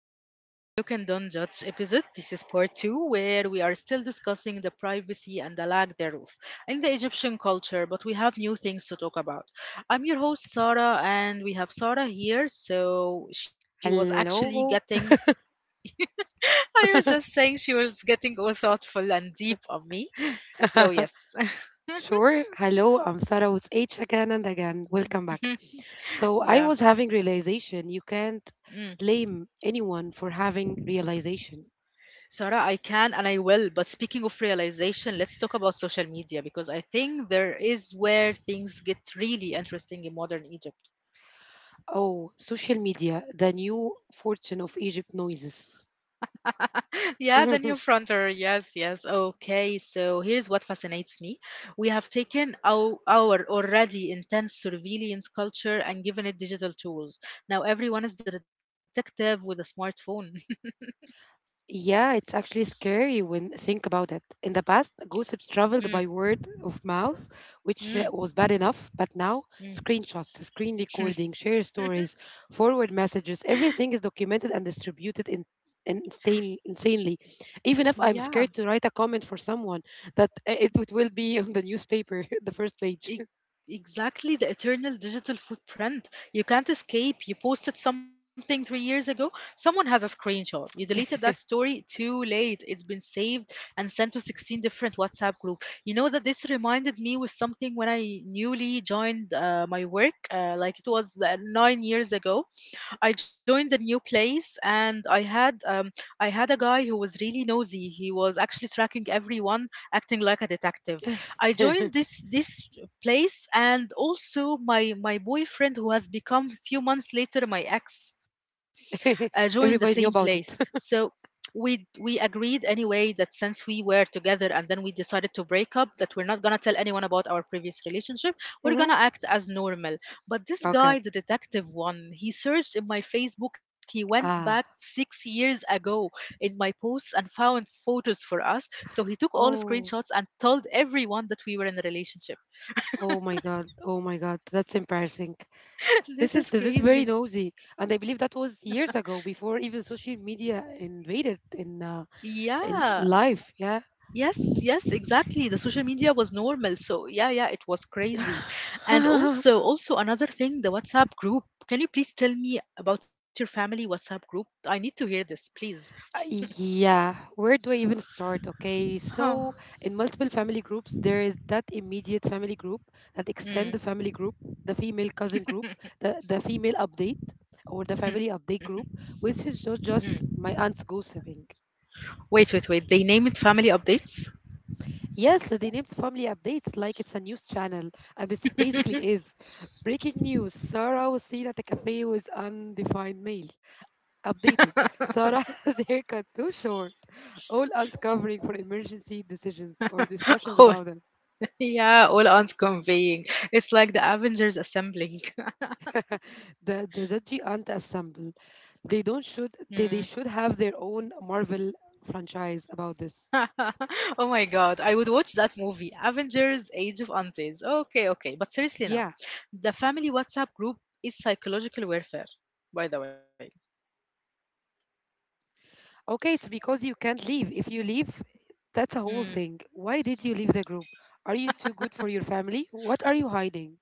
to Don't Look and Don't Judge episode. This is part two, where we are still discussing the privacy and the lack thereof in the Egyptian culture, but we have new things to talk about. I'm your host, Sarah, and we have Sarah here. So she was actually Hello. getting, I was just saying, she was getting all thoughtful and deep on me. So, yes. Sure. Hello. I'm Sarah with H again and again. Welcome back. So I was Yeah. having realization. You can't Hmm. blame anyone for having realization. Sarah, I can and I will. But speaking of realization, let's talk about social media because I think there is where things get really interesting in modern Egypt. Oh, social media, the new fortune of Egypt noises. Yeah, the new frontier. Yes, yes. Okay, so here's what fascinates me. We have taken our already intense surveillance culture and given it digital tools. Now everyone is the detective with a smartphone. Yeah, it's actually scary when think about it. In the past, gossips mm, traveled by word of mouth, which mm, was bad enough, but now mm. screenshots, screen recording, share stories, forward messages, everything is documented and distributed in insanely. Even if I'm Yeah. scared to write a comment for someone, that it will be on the newspaper, the first page. E- Exactly, the eternal digital footprint. You can't escape. You posted something 3 years ago, someone has a screenshot. You deleted that story too late. It's been saved and sent to 16 different WhatsApp group. You know, that this reminded me with something when I newly joined my work, like it was 9 years ago. I joined the new place and I had a guy who was really nosy. He was actually tracking everyone, acting like a detective. I joined this place and also my boyfriend, who has become a few months later my ex, joined the same Everybody knew place. about it. So we agreed anyway that since we were together and then we decided to break up, that we're not going to tell anyone about our previous relationship. We're Hmm. going to act as normal. But this Okay. guy, the detective one, he searched in my Facebook. He went back Ah. 6 years ago in my posts and found photos for us. So he took all Oh. screenshots and told everyone that we were in a relationship. Oh my god. Oh my god. That's embarrassing. This This is is this is very crazy. nosy, and I believe that was years ago, before even social media invaded in uh, in, Yeah. in life. Yeah. Yes, yes, exactly. The social media was normal. So, yeah, yeah, it was crazy. And also, also another thing, the WhatsApp group. Can you please tell me about your family WhatsApp group? I need to hear this, please. Yeah. Where do I even start? Okay. Huh. So in multiple family groups, there is that immediate family group, that extend the Mm. family group, the female cousin group, the female update. Or the family update group, which is just my aunt's gossiping. Wait, wait, wait. They named family updates? Yes, they named family updates like it's a news channel, and it basically is. Breaking news, Sarah was seen at a cafe with undefined male. Updated. Sarah has haircut too short. All uncovering for emergency decisions or discussions Oh, about them. yeah, all aunts conveying. It's like the Avengers assembling. The Zedgy Aunt Assemble. They don't Hmm. should they should have their own Marvel franchise about this. Oh my god, I would watch that movie, Avengers Age of Aunties. Okay, okay. But seriously now, Yeah. the family WhatsApp group is psychological warfare, by the way. Okay, it's because you can't leave. If you leave, that's a whole Hmm. thing. Why did you leave the group? Are you too good for your family? What are you hiding?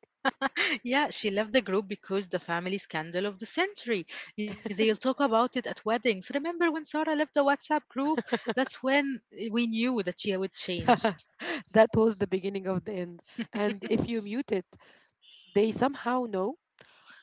Yeah, she left the group because the family scandal of the century. They'll talk about it at weddings. Remember when Sarah left the WhatsApp group? That's when we knew that she would change. That was the beginning of the end. And if you mute it, they somehow know.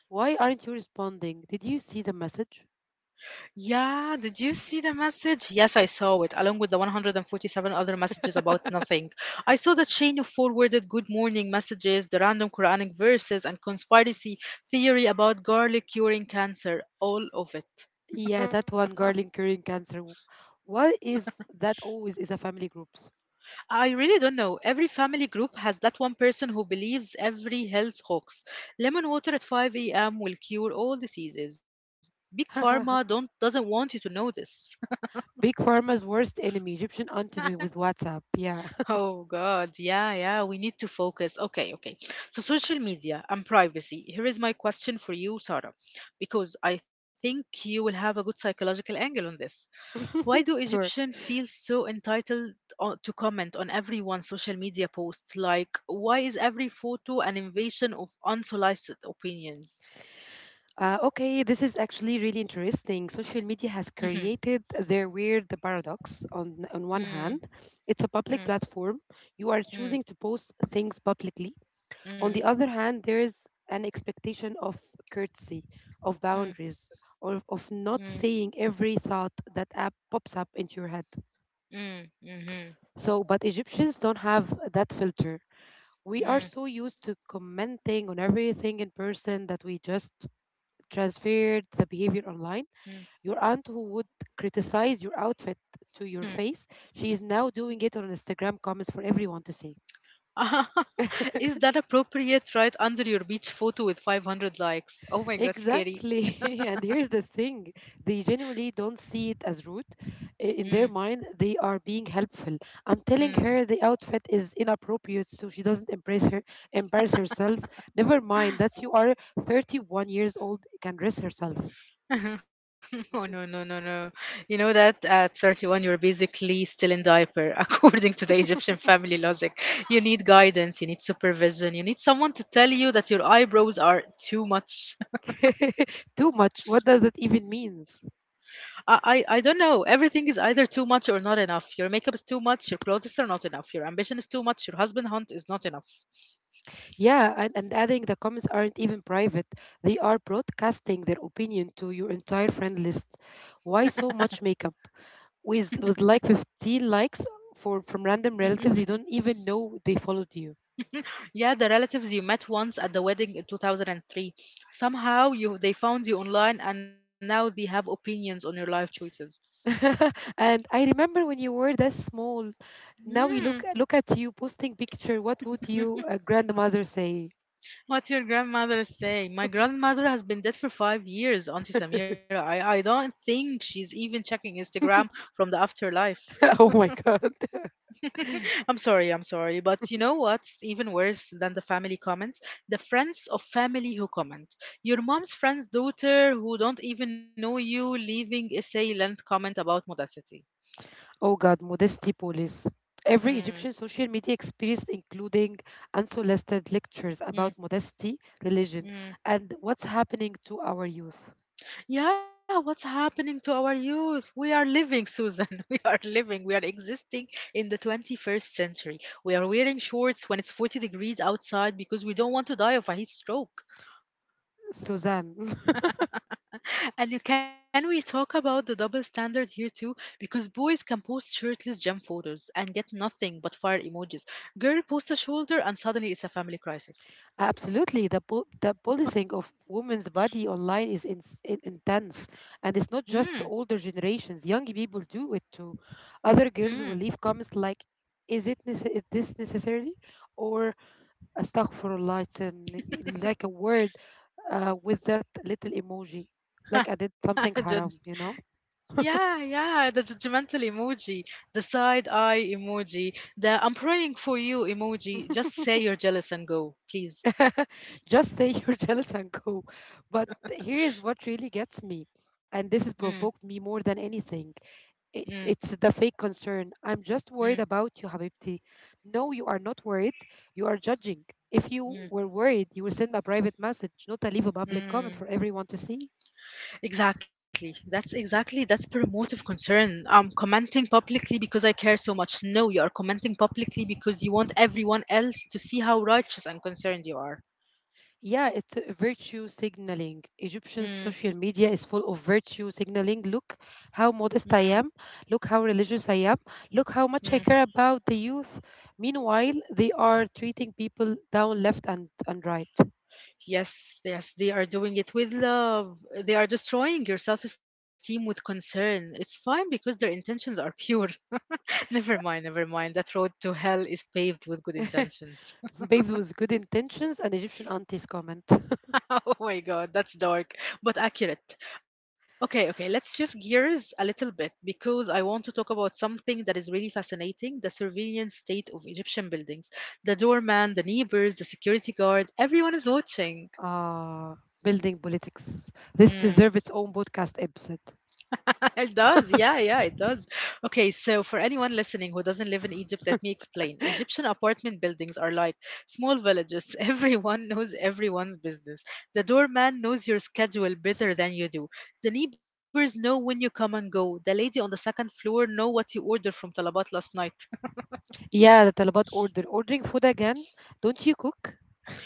Why aren't you responding? Did you see the message? Yeah, did you see the message? Yes, I saw it, along with the 147 other messages about nothing. I saw the chain of forwarded good morning messages, the random Quranic verses, and conspiracy theory about garlic curing cancer. All of it. Yeah, that one girl curing cancer. What is that always is a family groups? I really don't know. Every family group has that one person who believes every health hoax. Lemon water at 5 a.m. will cure all diseases. Big Pharma don't doesn't want you to know this. Big Pharma's worst enemy, Egyptian aunties with WhatsApp. Yeah. Oh God, yeah, yeah, we need to focus. Okay, okay. So social media and privacy. Here is my question for you, Sarah, because I think you will have a good psychological angle on this. Why do Sure. Egyptians feel so entitled to comment on everyone's social media posts? Like, why is every photo an invasion of unsolicited opinions? Okay, this is actually really interesting. Social media has Hmm created their weird paradox. On one Mm, hand, it's a public mm, platform; you are mm, choosing to post things publicly. On the mm, other hand, there is an expectation of courtesy, of mm, boundaries, or of mm, not saying every thought that app pops up into your head. mm, mm, So, but Egyptians don't have that filter. We are mm, so used to commenting on everything in person that we just transferred the behavior mm, online. Your aunt who would criticize your outfit to your face, she is now doing it on Instagram comments for everyone to see. mm. Is that appropriate right under your beach photo with 500 likes? Oh my god, scary. Exactly. And here's the thing, they genuinely don't see it as rude. In Mm, their mind, they are being helpful. I'm telling mm. her the outfit is inappropriate so she doesn't embarrass herself. Never mind that you are 31 years old, can dress herself. Oh no, no, no, no. You know that at 31 you're basically still in diaper according to the Egyptian family logic. You need guidance, you need supervision, you need someone to tell you that your eyebrows are too much. Too much. What does that even mean? I don't know. Everything is either too much or not enough. Your makeup is too much, your clothes are not enough, your ambition is too much, your husband hunt is not enough. Yeah, and adding the comments aren't even private. They are broadcasting their opinion to your entire friend list. Why so much makeup? With like 15 likes for from random relatives you don't even know they followed you. Yeah, the relatives you met once at the wedding in 2003. Somehow you they found you online and now they have opinions on your life choices. And I remember when you were that small. Now you Hmm. look at you posting picture. What would you grandmother say? What your grandmother say? My grandmother has been dead for 5 years, Auntie Samira. I don't think she's even checking Instagram from the afterlife. Oh my god. I'm sorry, I'm sorry. But you know what's even worse than the family comments? The friends of family who comment. Your mom's friend's daughter who don't even know you leaving essay length comment about modesty. Oh God, modesty police. Every Egyptian social media experience, including unsolicited lectures about Mm, modesty, religion, mm. and what's happening to our youth. Yeah, what's happening to our youth? We are living, Susan. We are living. We are existing in the 21st century. We are wearing shorts when it's 40 degrees outside because we don't want to die of a heat stroke. Suzanne. And can we talk about the double standard here too? Because boys can post shirtless gym photos and get nothing but fire emojis. Girl post a shoulder and suddenly it's a family crisis. Absolutely. The policing of women's body online is intense. And it's not just the Mm, older generations, young people do it too. Other girls will leave comments like, is this necessary? Or Astaghfirullah, it's an, like a word with that little emoji. Like I did something mm. haram, you know? Yeah, yeah, the judgmental emoji, the side eye emoji, the I'm praying for you emoji. Just say you're jealous and go, please. Just say you're jealous and go. But here's what really gets me. And this has Mm, provoked me more than anything. It, mm, it's the fake concern. I'm just worried mm, about you, Habibti. No, you are not worried. You are judging. If you mm, were worried, you would send a private message, not a leave a public comment for mm. everyone to see. Exactly. That's promotive concern. I'm commenting publicly because I care so much. No, you are commenting publicly because you want everyone else to see how righteous and concerned you are. Yeah, it's virtue signaling. Egyptian Mm, social media is full of virtue signaling. Look how mm, modest I am. Look how religious I am. Look how mm. much I care about the youth. Meanwhile, they are treating people down left and right. Yes, yes, they are doing it with love. They are destroying your self esteem with concern. It's fine because their intentions are pure. Never mind, never mind. That road to hell is paved with good intentions. Paved with good intentions, an Egyptian auntie's comment. Oh my god, that's dark, but accurate. Okay, okay, let's shift gears a little bit because I want to talk about something that is really fascinating, the surveillance state of Egyptian buildings. The doorman, the neighbors, the security guard, everyone is watching. Ah, building politics. This deserves its Hmm. own podcast episode. It does. Yeah, yeah, it does. Okay, so for anyone listening who doesn't live in Egypt, let me explain. Egyptian apartment buildings are like small villages. Everyone knows everyone's business. The doorman knows your schedule better than you do. The neighbors know when you come and go. The lady on the second floor know what you ordered from Talabat last night. Yeah, the Talabat order. Ordering food again. Don't you cook?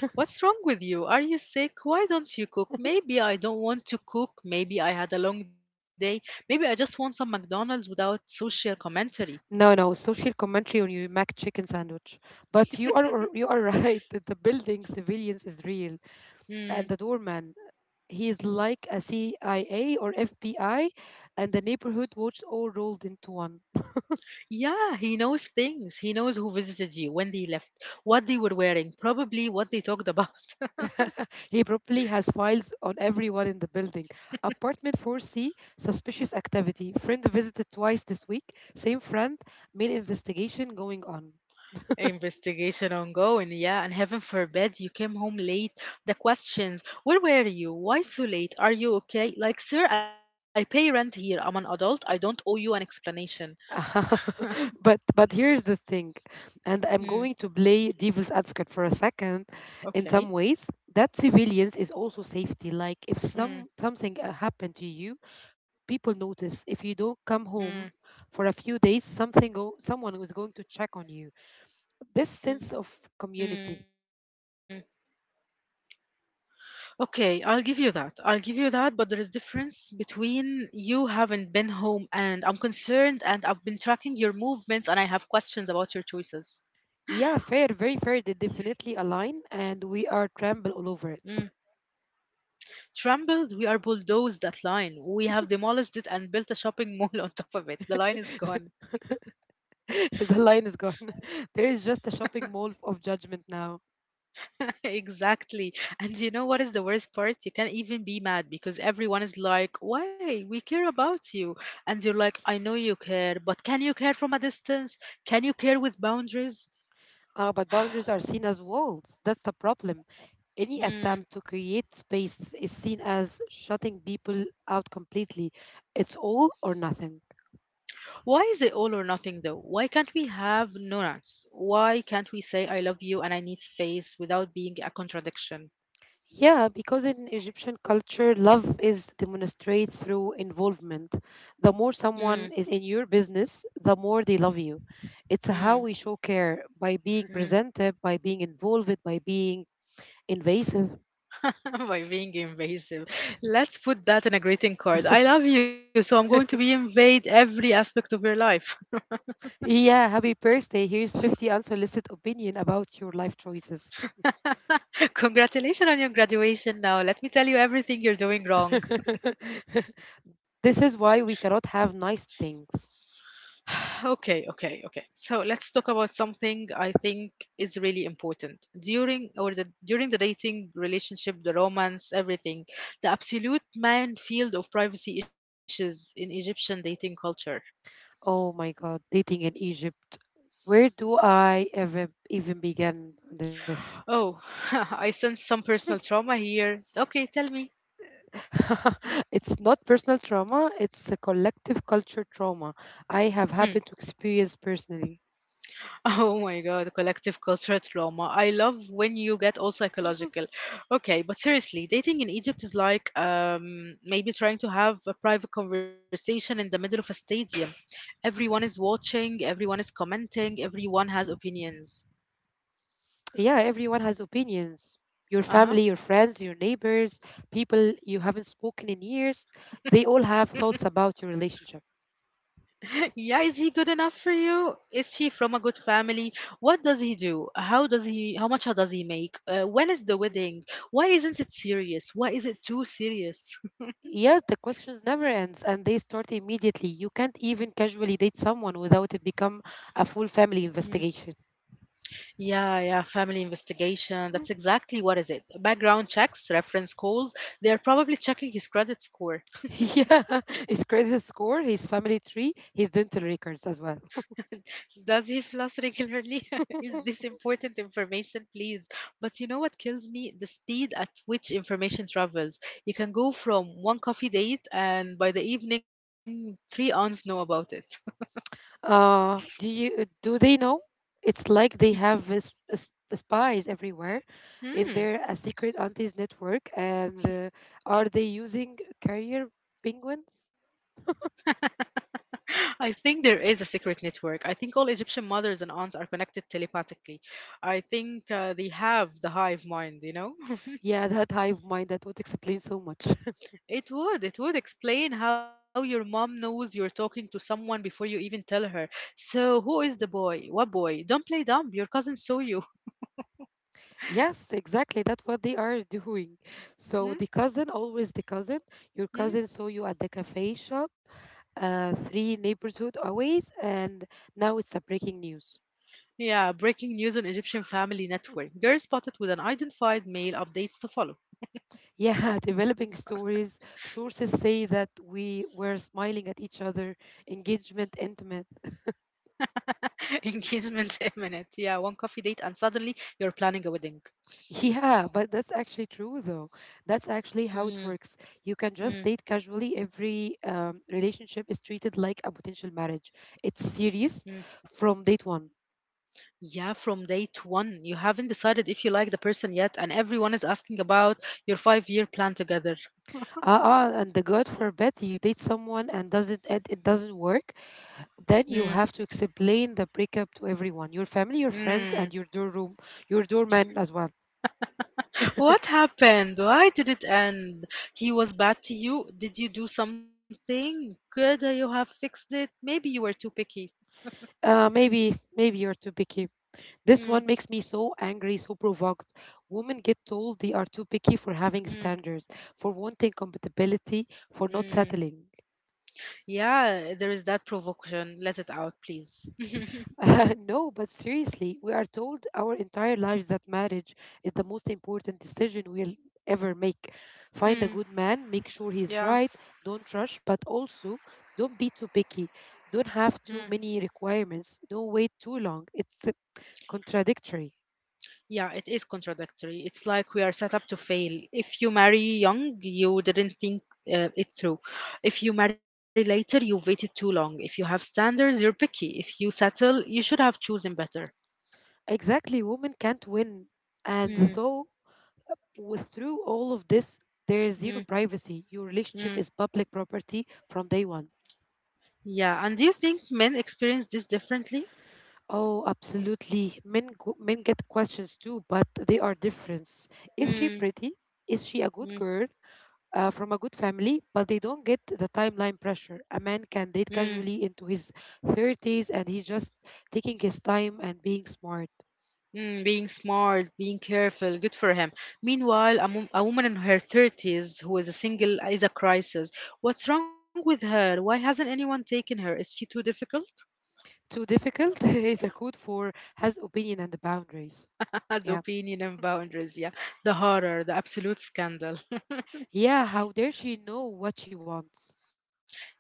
What's wrong with you? Are you sick? Why don't you cook? Maybe I don't want to cook. Maybe I had a long day. Maybe I just want some McDonald's without social commentary. No, no, social commentary on your Mac chicken sandwich. But you are right that the building civilians is real, Hmm. and the doorman, he is like a CIA or FBI, and the neighborhood watch all rolled into one. Yeah, he knows things. He knows who visited you, when they left, what they were wearing, probably what they talked about. He probably has files on everyone in the building. Apartment 4C, suspicious activity. Friend visited twice this week. Same friend, main investigation going on. Investigation ongoing, yeah, and heaven forbid you came home late. The questions, where were you? Why so late? Are you okay? Like, sir, I pay rent here. I'm an adult. I don't owe you an explanation. But here's the thing, and I'm Mm, going to play devil's advocate for a second, in some okay. ways that civilians is also safety. Like if Mm, something happened to you, people notice. If you don't come mm, home for a few days, someone is going to check on you. This mm. sense of community. Okay, I'll give you that. I'll give you that, but there is difference between you haven't been home and I'm concerned and I've been tracking your movements and I have questions about your choices. Yeah, fair, very fair. They definitely align and we are Mm. trample all over it. Trampled, we are bulldozed that line. We have demolished it and built a shopping mall on top of it. The line is gone. The line is gone. There is just a shopping mall of judgment now. Exactly. And you know what is the worst part? You can't even be mad because everyone is like, why? We care about you. And you're like, I know you care, but can you care from a distance? Can you care with boundaries? But boundaries are seen as walls. That's the problem. Any attempt to Mm. create space is seen as shutting people out completely. It's all or nothing. Why is it all or nothing though? Why can't we have nuance? Why can't we say I love you and I need space without being a contradiction? Yeah, because in Egyptian culture, love is demonstrated through involvement. The more Mm, someone is in your business, the more they love you. It's how we mm, show care by being mm. presented, by being involved, by being invasive. By being invasive. Let's put that in a greeting card. I love you, so I'm going to be invade every aspect of your life. Yeah, happy birthday. Here's 50 unsolicited opinion about your life choices. Congratulations on your graduation now. Let me tell you everything you're doing wrong. This is why we cannot have nice things. Okay, okay, okay. So let's talk about something I think is really important. During or the during the dating relationship, the romance, everything, the absolute man field of privacy issues in Egyptian dating culture. Oh my god, dating in Egypt. Where do I ever even begin this? Oh, I sense some personal trauma here. Okay, tell me. It's not personal trauma, it's a collective culture trauma I have happened to experience personally. Oh my God, collective cultural trauma. I love when you get all psychological. Okay, but seriously, dating in Egypt is like maybe trying to have a private conversation in the middle of a stadium. Everyone is watching, everyone is commenting, everyone has opinions. Yeah, everyone has opinions. Your Uh huh. family, your friends, your neighbors, people you haven't spoken in years, they all have thoughts about your relationship. Yeah, is he good enough for you? Is she from a good family? What does he do? How does he? How much does he make? When is the wedding? Why isn't it serious? Why is it too serious? Yes, the questions never ends and they start immediately. You can't even casually date someone without it become a full family investigation. Yeah, yeah, family investigation. Mhm. That's exactly what is it. Background checks, reference calls. They are probably checking his credit score. Yeah, his credit score, his family tree, his dental records as well. Does he floss regularly? Is this important information, please? But you know what kills me? The speed at which information travels. You can go from one coffee date and by the evening, three aunts know about it. Do they know? It's like they have spies everywhere. Is Hmm. there a secret aunties network? And are they using carrier penguins? I think there is a secret network. I think all Egyptian mothers and aunts are connected telepathically. I think they have the hive mind, you know? Yeah, that hive mind that would explain so much. It would. It would explain how your mom knows you're talking to someone before you even tell her. So, who is the boy? What boy? Don't play dumb. Your cousin saw you. Yes, exactly. That's what they are doing. So the Hmm? cousin, always the cousin. Your cousin Hmm? saw you at the cafe shop, three neighborhood away, and now it's a breaking news. Yeah, breaking news on Egyptian Family Hmm. Network. Girl spotted with an identified male updates to follow. Yeah, developing stories. Sources say that we were smiling at each other, engagement intimate. Engagement imminent. Yeah, one coffee date and suddenly you're planning a wedding. Yeah, but that's actually true, though. That's actually how it Mm, works. You can just mm, date casually. Every relationship is treated like a potential marriage. It's mm. serious from date one. Yeah, from date one, you haven't decided if you like the person yet, and everyone is asking about your 5-year plan together. And the God forbid you date someone and it doesn't work, then Mm, you have to explain the breakup to everyone, your family, your friends, mm. and your doorman as well. What happened? Why did it end? He was bad to you? Did you do something? Could you have fixed it? Maybe you were too picky. Maybe you're too picky. This one makes Mm, me so angry, so provoked. Women get told they are too picky for having standards, mm, for wanting compatibility, for not mm. settling. Yeah, there is that provocation. Let it out, please. No, but seriously, we are told our entire lives that marriage is the most important decision we'll ever make. Find a good Mm, man, make sure he's right, yeah. don't rush, but also don't be too picky. Don't Mm. have too many requirements, don't wait too long. It's contradictory. Yeah, it is contradictory. It's like we are set up to fail. If you marry young, you didn't think it through. If you marry later, you waited too long. If you have standards, you're picky. If you settle, you should have chosen better. Exactly, women can't win. And Mm, though with through all of this, there is zero mm. privacy. Your relationship is Mm, public property from day one. yeah. And do you think men experience this differently? Oh, absolutely. Men get questions too, but they are different. Is she Mm, pretty? Is she a good mm, girl, from a good family? But they don't get the timeline pressure. A man can date mm, casually into his 30s and he's just taking his time and being smart. mm. Being smart, being careful, good for him. Meanwhile, a woman in her 30s who is a single is a crisis. What's wrong with her? Why hasn't anyone taken her? Is she too difficult? Too difficult is a code for has opinion and boundaries. As Yeah, opinion and boundaries, yeah. The horror, the absolute scandal. yeah, how dare she know what she wants.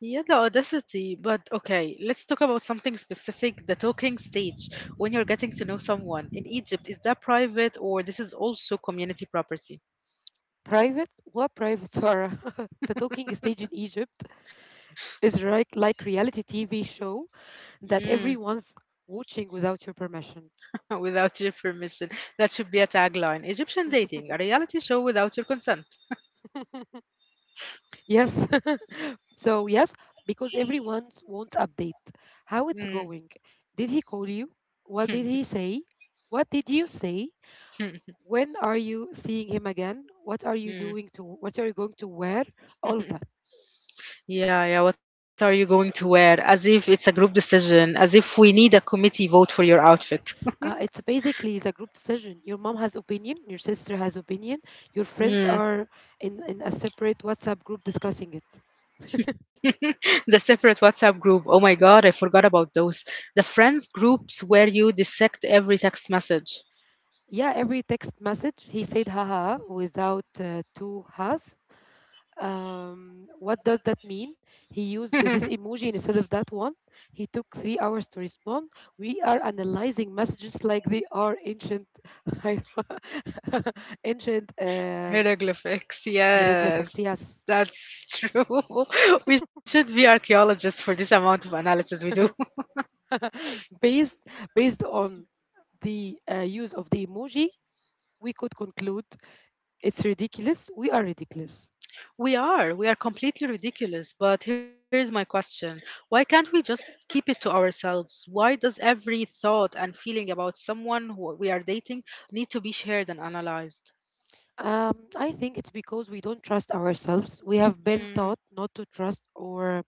Yeah, the audacity. But okay, let's talk about something specific, the talking stage, when you're getting to know someone. In Egypt, is that private or this is also community property? Private? What private, Sarah? The talking stage in Egypt is right like reality TV show that Mm. everyone's watching without your permission. Without your permission. That should be a tagline. Egyptian dating, a reality show without your consent. Yes. So yes, because everyone wants update. How it's Mm. going? Did he call you? What did he say? What did you say? When are you seeing him again? What are you doing to Mm. what are you going to wear? All of that. Yeah, yeah. What are you going to wear? As if it's a group decision, as if we need a committee vote for your outfit. It's a group decision. Your mom has opinion, your sister has opinion, your friends are Mm. in a separate WhatsApp group discussing it. The separate WhatsApp group. Oh my God, I forgot about those. The friends groups where you dissect every text message. Yeah, every text message he said haha without two has. What does that mean? He used this emoji instead of that one. He took 3 hours to respond. We are analyzing messages like they are ancient, ancient Hieroglyphics, yes. hieroglyphics. Yes. That's true. We should be archaeologists for this amount of analysis we do. based based on the use of the emoji, we could conclude it's ridiculous. We are ridiculous. We are. We are completely ridiculous. But here's my question. Why can't we just keep it to ourselves? Why does every thought and feeling about someone who we are dating need to be shared and analyzed? I think it's because we don't trust ourselves. We have been taught Mm, not to trust our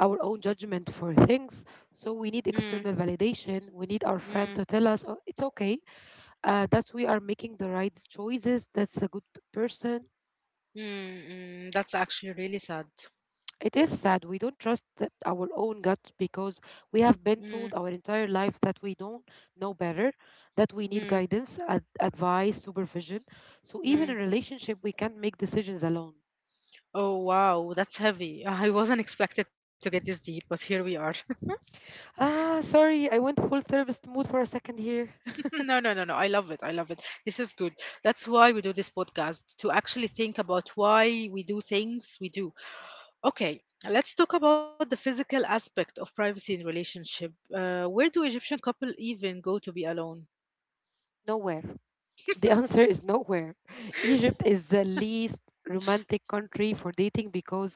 our own judgment for things. So we need mm, external validation. We need our mm. friend to tell us, "Oh, it's okay. That's we are making the right choices. That's a good person." Mm, mm, that's actually really sad. It is sad. We don't trust our own gut because we have been Mm, told our entire life that we don't know better, that we need mm, guidance, advice, supervision. So even mm. in relationship, we can't make decisions alone. Oh, wow, that's heavy. I wasn't expected to get this deep, but here we are. Ah, sorry, I went full therapist mood for a second here. No, no, no, no. I love it. I love it. This is good. That's why we do this podcast, to actually think about why we do things we do. Okay, let's talk about the physical aspect of privacy in relationship. Where do Egyptian couple even go to be alone? Nowhere. The answer is nowhere. Egypt is the least romantic country for dating because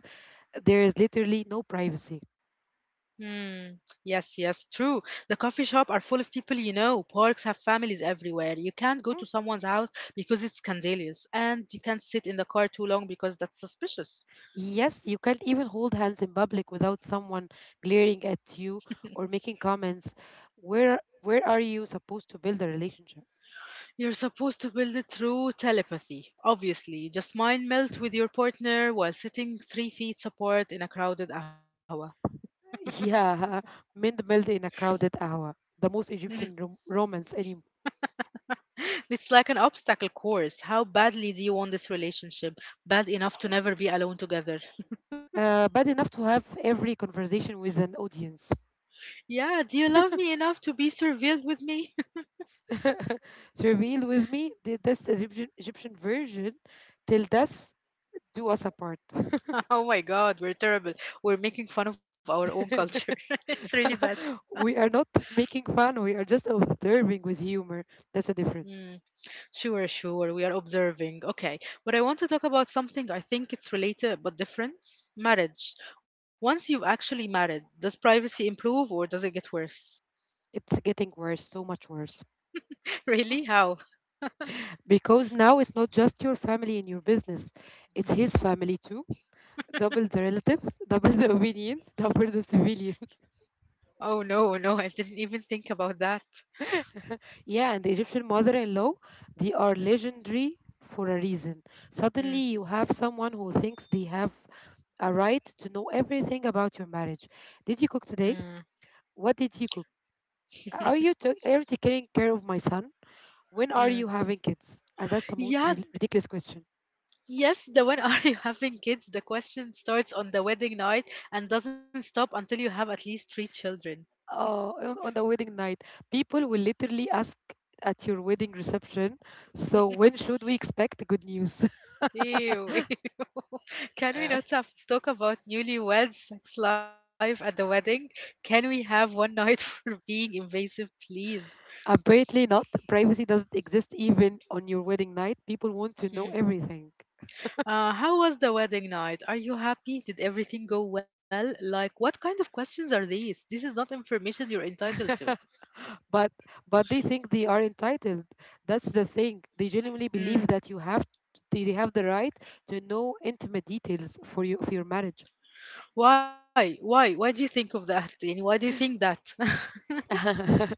there is literally no privacy. Hmm. Yes, yes, true. The coffee shop are full of people you know. Parks have families everywhere. You can't go to Hmm? someone's house because it's scandalous, and you can't sit in the car too long because that's suspicious. Yes, you can't even hold hands in public without someone glaring at you or making comments. Where are you supposed to build a relationship? You're supposed to build it through telepathy, obviously. Just mind melt with your partner while sitting 3 feet apart in a crowded hour. Yeah, mind build in a crowded hour. The most Egyptian romance anymore. It's like an obstacle course. How badly do you want this relationship? Bad enough to never be alone together. Bad enough to have every conversation with an audience. Yeah, do you love me enough to be surveilled with me? So reveal with me this Egyptian version. Till death do us apart. Oh my God, we're terrible. We're making fun of our own culture. It's really bad. We are not making fun. We are just observing with humor. That's the difference. Mm, sure, sure. We are observing. Okay. But I want to talk about something I think it's related but different. Marriage. Once you've actually married, does privacy improve or does it get worse? It's getting worse, so much worse. Really? How? Because now it's not just your family and your business, it's Mm. his family too. Double the relatives, double the opinions, double the civilians. Oh no, no, I didn't even think about that. Yeah, and the Egyptian mother in law, they are Mm, legendary for a reason. mm, Suddenly, you have someone who thinks they have a right to know everything about your marriage. Did you cook mm, today? What did you cook? Are you taking care of my son? When are mm. you having kids? And that's the most Yeah, ridiculous question. yes, the when are you having kids? The question starts on the wedding night and doesn't stop until you have at least three children. Oh, on the wedding night, people will literally ask at your wedding reception. So when should we expect good news? Ew, ew. Can we not have, talk about newlyweds' sex life at the wedding? Can we have one night for being invasive, please? Apparently not. Privacy doesn't exist even on your wedding night. People want to know Mm. everything. How was the wedding night? Are you happy? Did everything go well? Like, what kind of questions are these? This is not information you're entitled to. but but they think they are entitled. That's the thing, they genuinely believe that Mm. you have they have the right to know intimate details for you of your marriage. Why? Why? Why do you think of that? And why do you think that?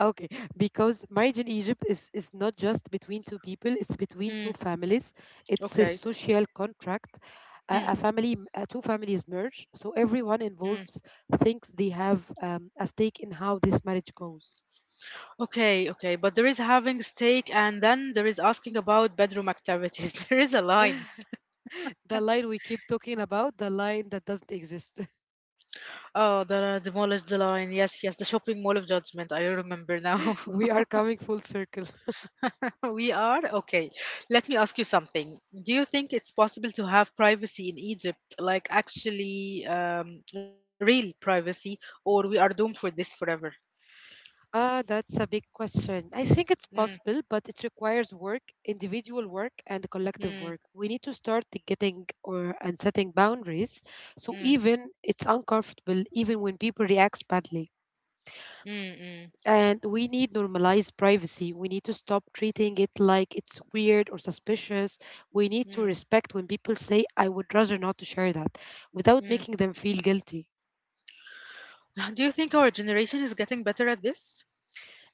Okay, because marriage in Egypt is not just between two people, it's between two Mm. families. It's a Okay. social contract. A family, two families merge, so everyone Mm. involves thinks they have a stake in how this marriage goes. Okay, okay, but there is having steak and then there is asking about bedroom activities. There is a line. The line we keep talking about, the line that doesn't exist. Oh, the demolished the line. Yes, yes, the shopping mall of judgment. I remember now. We are coming full circle. We are okay. Let me ask you something. Do you think it's possible to have privacy in Egypt, like actually real privacy, or we are doomed for this forever? Ah, that's a big question. I think it's possible, Mm, but it requires work, individual work, and collective work. We mm, need to start the getting or and setting boundaries. So mm, even it's uncomfortable, even when people react badly. mm, mm, And we need normalized privacy. We need to stop treating it like it's weird or suspicious. We need to mm, respect when people say, "I would rather not to share that," without making mm. them feel guilty. Do you think our generation is getting better at this?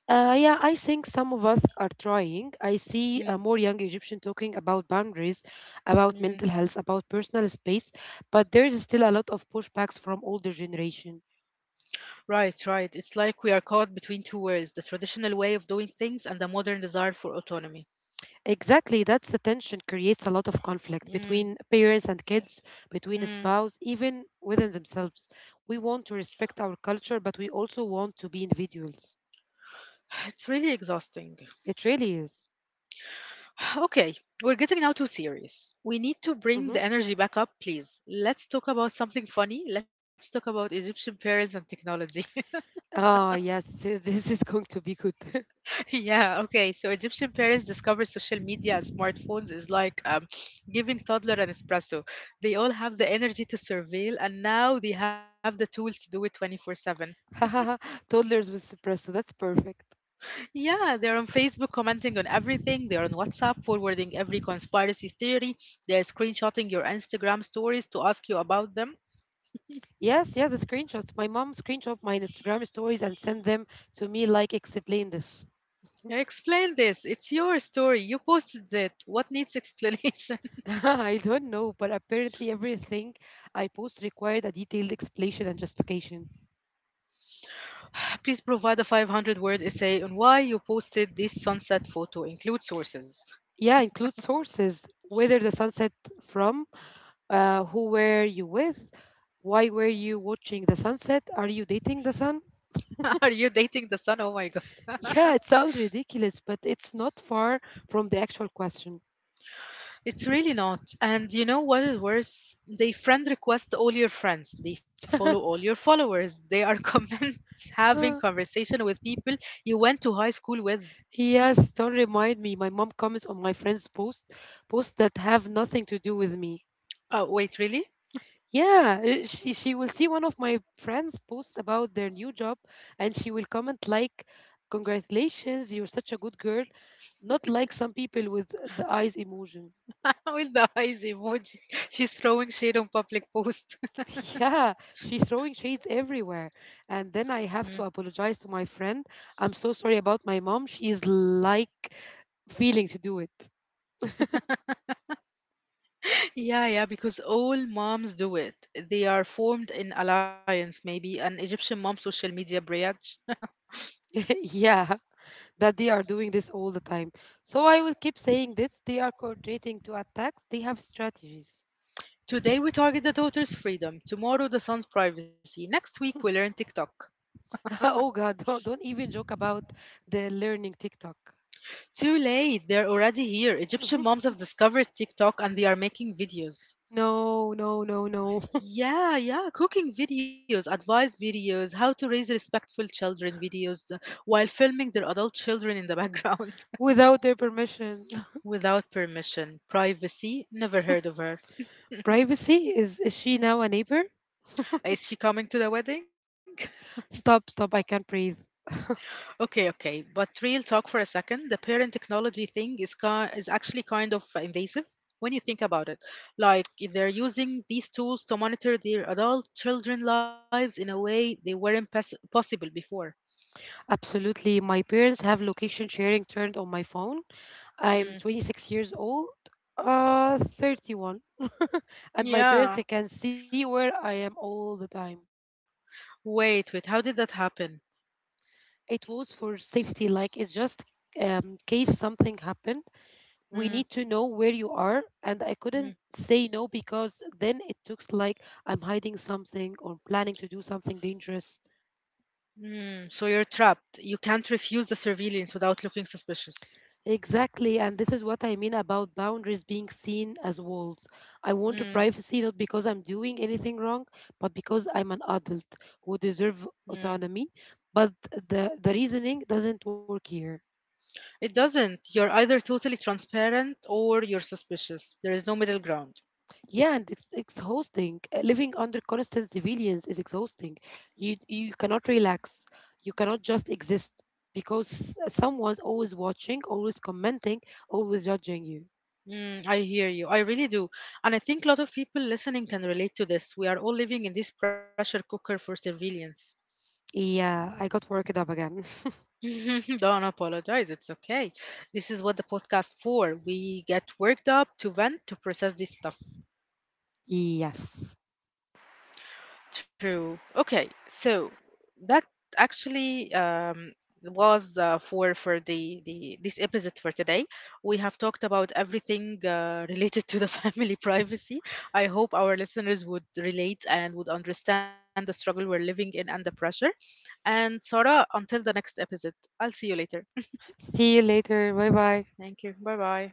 Yeah, I think some of us are trying. I see Mm, more young Egyptian talking about boundaries, about mental mm. health, about personal space, but there is still a lot of pushbacks from older generation. Right, right. It's like we are caught between two worlds, the traditional way of doing things and the modern desire for autonomy. Exactly, that's the tension creates a lot of conflict Mm, between parents and kids, between mm. spouse, even within themselves. We want to respect our culture, but we also want to be individuals. It's really exhausting. It really is. Okay, we're getting now too serious. We need to bring Mm-hmm. the energy back up, please. Let's talk about something funny. Let's talk about Egyptian parents and technology. Ah, yes, this is going to be good. Yeah, okay. So Egyptian parents discover social media and smartphones is like giving toddler an espresso. They all have the energy to surveil, and now they have the tools to do it 24/7. Toddlers with espresso. That's perfect. Yeah, they're on Facebook commenting on everything. They're on WhatsApp forwarding every conspiracy theory. They're screenshotting your Instagram stories to ask you about them. Yes, yes, the screenshots. My mom screenshot my Instagram stories and send them to me like explain this. Explain this. It's your story. You posted it. What needs explanation? I don't know, but apparently everything I post required a detailed explanation and justification. Please provide a 500 word essay on why you posted this sunset photo. Include sources. Yeah, include sources, whether the sunset from, who were you with, why were you watching the sunset, are you dating the sun? Are you dating the sun? Oh my God. Yeah, it sounds ridiculous, but it's not far from the actual question. It's really not. And you know what is worse? They friend request all your friends. They follow all your followers. They are comments having conversation with people you went to high school with. Yes, don't remind me. My mom comments on my friend's post, posts that have nothing to do with me. Oh, wait, really? Yeah, she will see one of my friends' posts about their new job, and she will comment like, "Congratulations, you're such a good girl," not like some people with the eyes emotion. With the eyes emoji. She's throwing shade on public post. Yeah, she's throwing shades everywhere, and then I Mm. have to apologize to my friend. I'm so sorry about my mom. She is like feeling to do it. Yeah, yeah, because all moms do it. They are formed in alliance, maybe an Egyptian mom social media branch. Yeah, that they are doing this all the time. So I will keep saying this. They are coordinating to attacks. They have strategies. Today we target the daughter's freedom. Tomorrow the son's privacy. Next week we learn TikTok. Oh God, don't even joke about the learning TikTok. Too late. They're already here. Egyptian moms have discovered TikTok and they are making videos. No, no, no, no. Yeah, yeah, cooking videos, advice videos, how to raise respectful children videos while filming their adult children in the background Without their permission. without permission. Privacy, never heard of her. Privacy? Is she now a neighbor? Is she coming to the wedding? Stop, stop, I can't breathe. Okay, okay, but real talk for a second. The parent technology thing is is actually kind of invasive when you think about it. Like they're using these tools to monitor their adult children lives in a way they weren't possible before. Absolutely. My parents have location sharing turned on my phone. I'm Mm, 26 years old. 31. And my parents, yeah. they can see where I am all the time. Wait, wait. How did that happen? It was for safety, like it's just case something happened. We need to Mm, know where you are, and I couldn't mm, say no because then it looks like I'm hiding something or planning to do something dangerous. mm. So you're trapped. You can't refuse the surveillance without looking suspicious. Exactly, and this is what I mean about boundaries being seen as walls. I want a Mm, privacy not because I'm doing anything wrong, but because I'm an adult who deserve mm. autonomy. But the reasoning doesn't work here. It doesn't. You're either totally transparent or you're suspicious. There is no middle ground. Yeah, and it's exhausting. Living under constant surveillance is exhausting. You cannot relax. You cannot just exist because someone's always watching, always commenting, always judging you. Mm, I hear you. I really do. And I think a lot of people listening can relate to this. We are all living in this pressure cooker for surveillance. Yeah, I got worked up again. Don't apologize. It's okay. This is what the podcast for. We get worked up to vent, to process this stuff. Yes. True. Okay, so that actually was for the this episode for today. We have talked about everything related to the family privacy. I hope our listeners would relate and would understand the struggle we're living in and the pressure. And Sarah, until the next episode, I'll see you later. See you later. Bye bye. Thank you. Bye bye.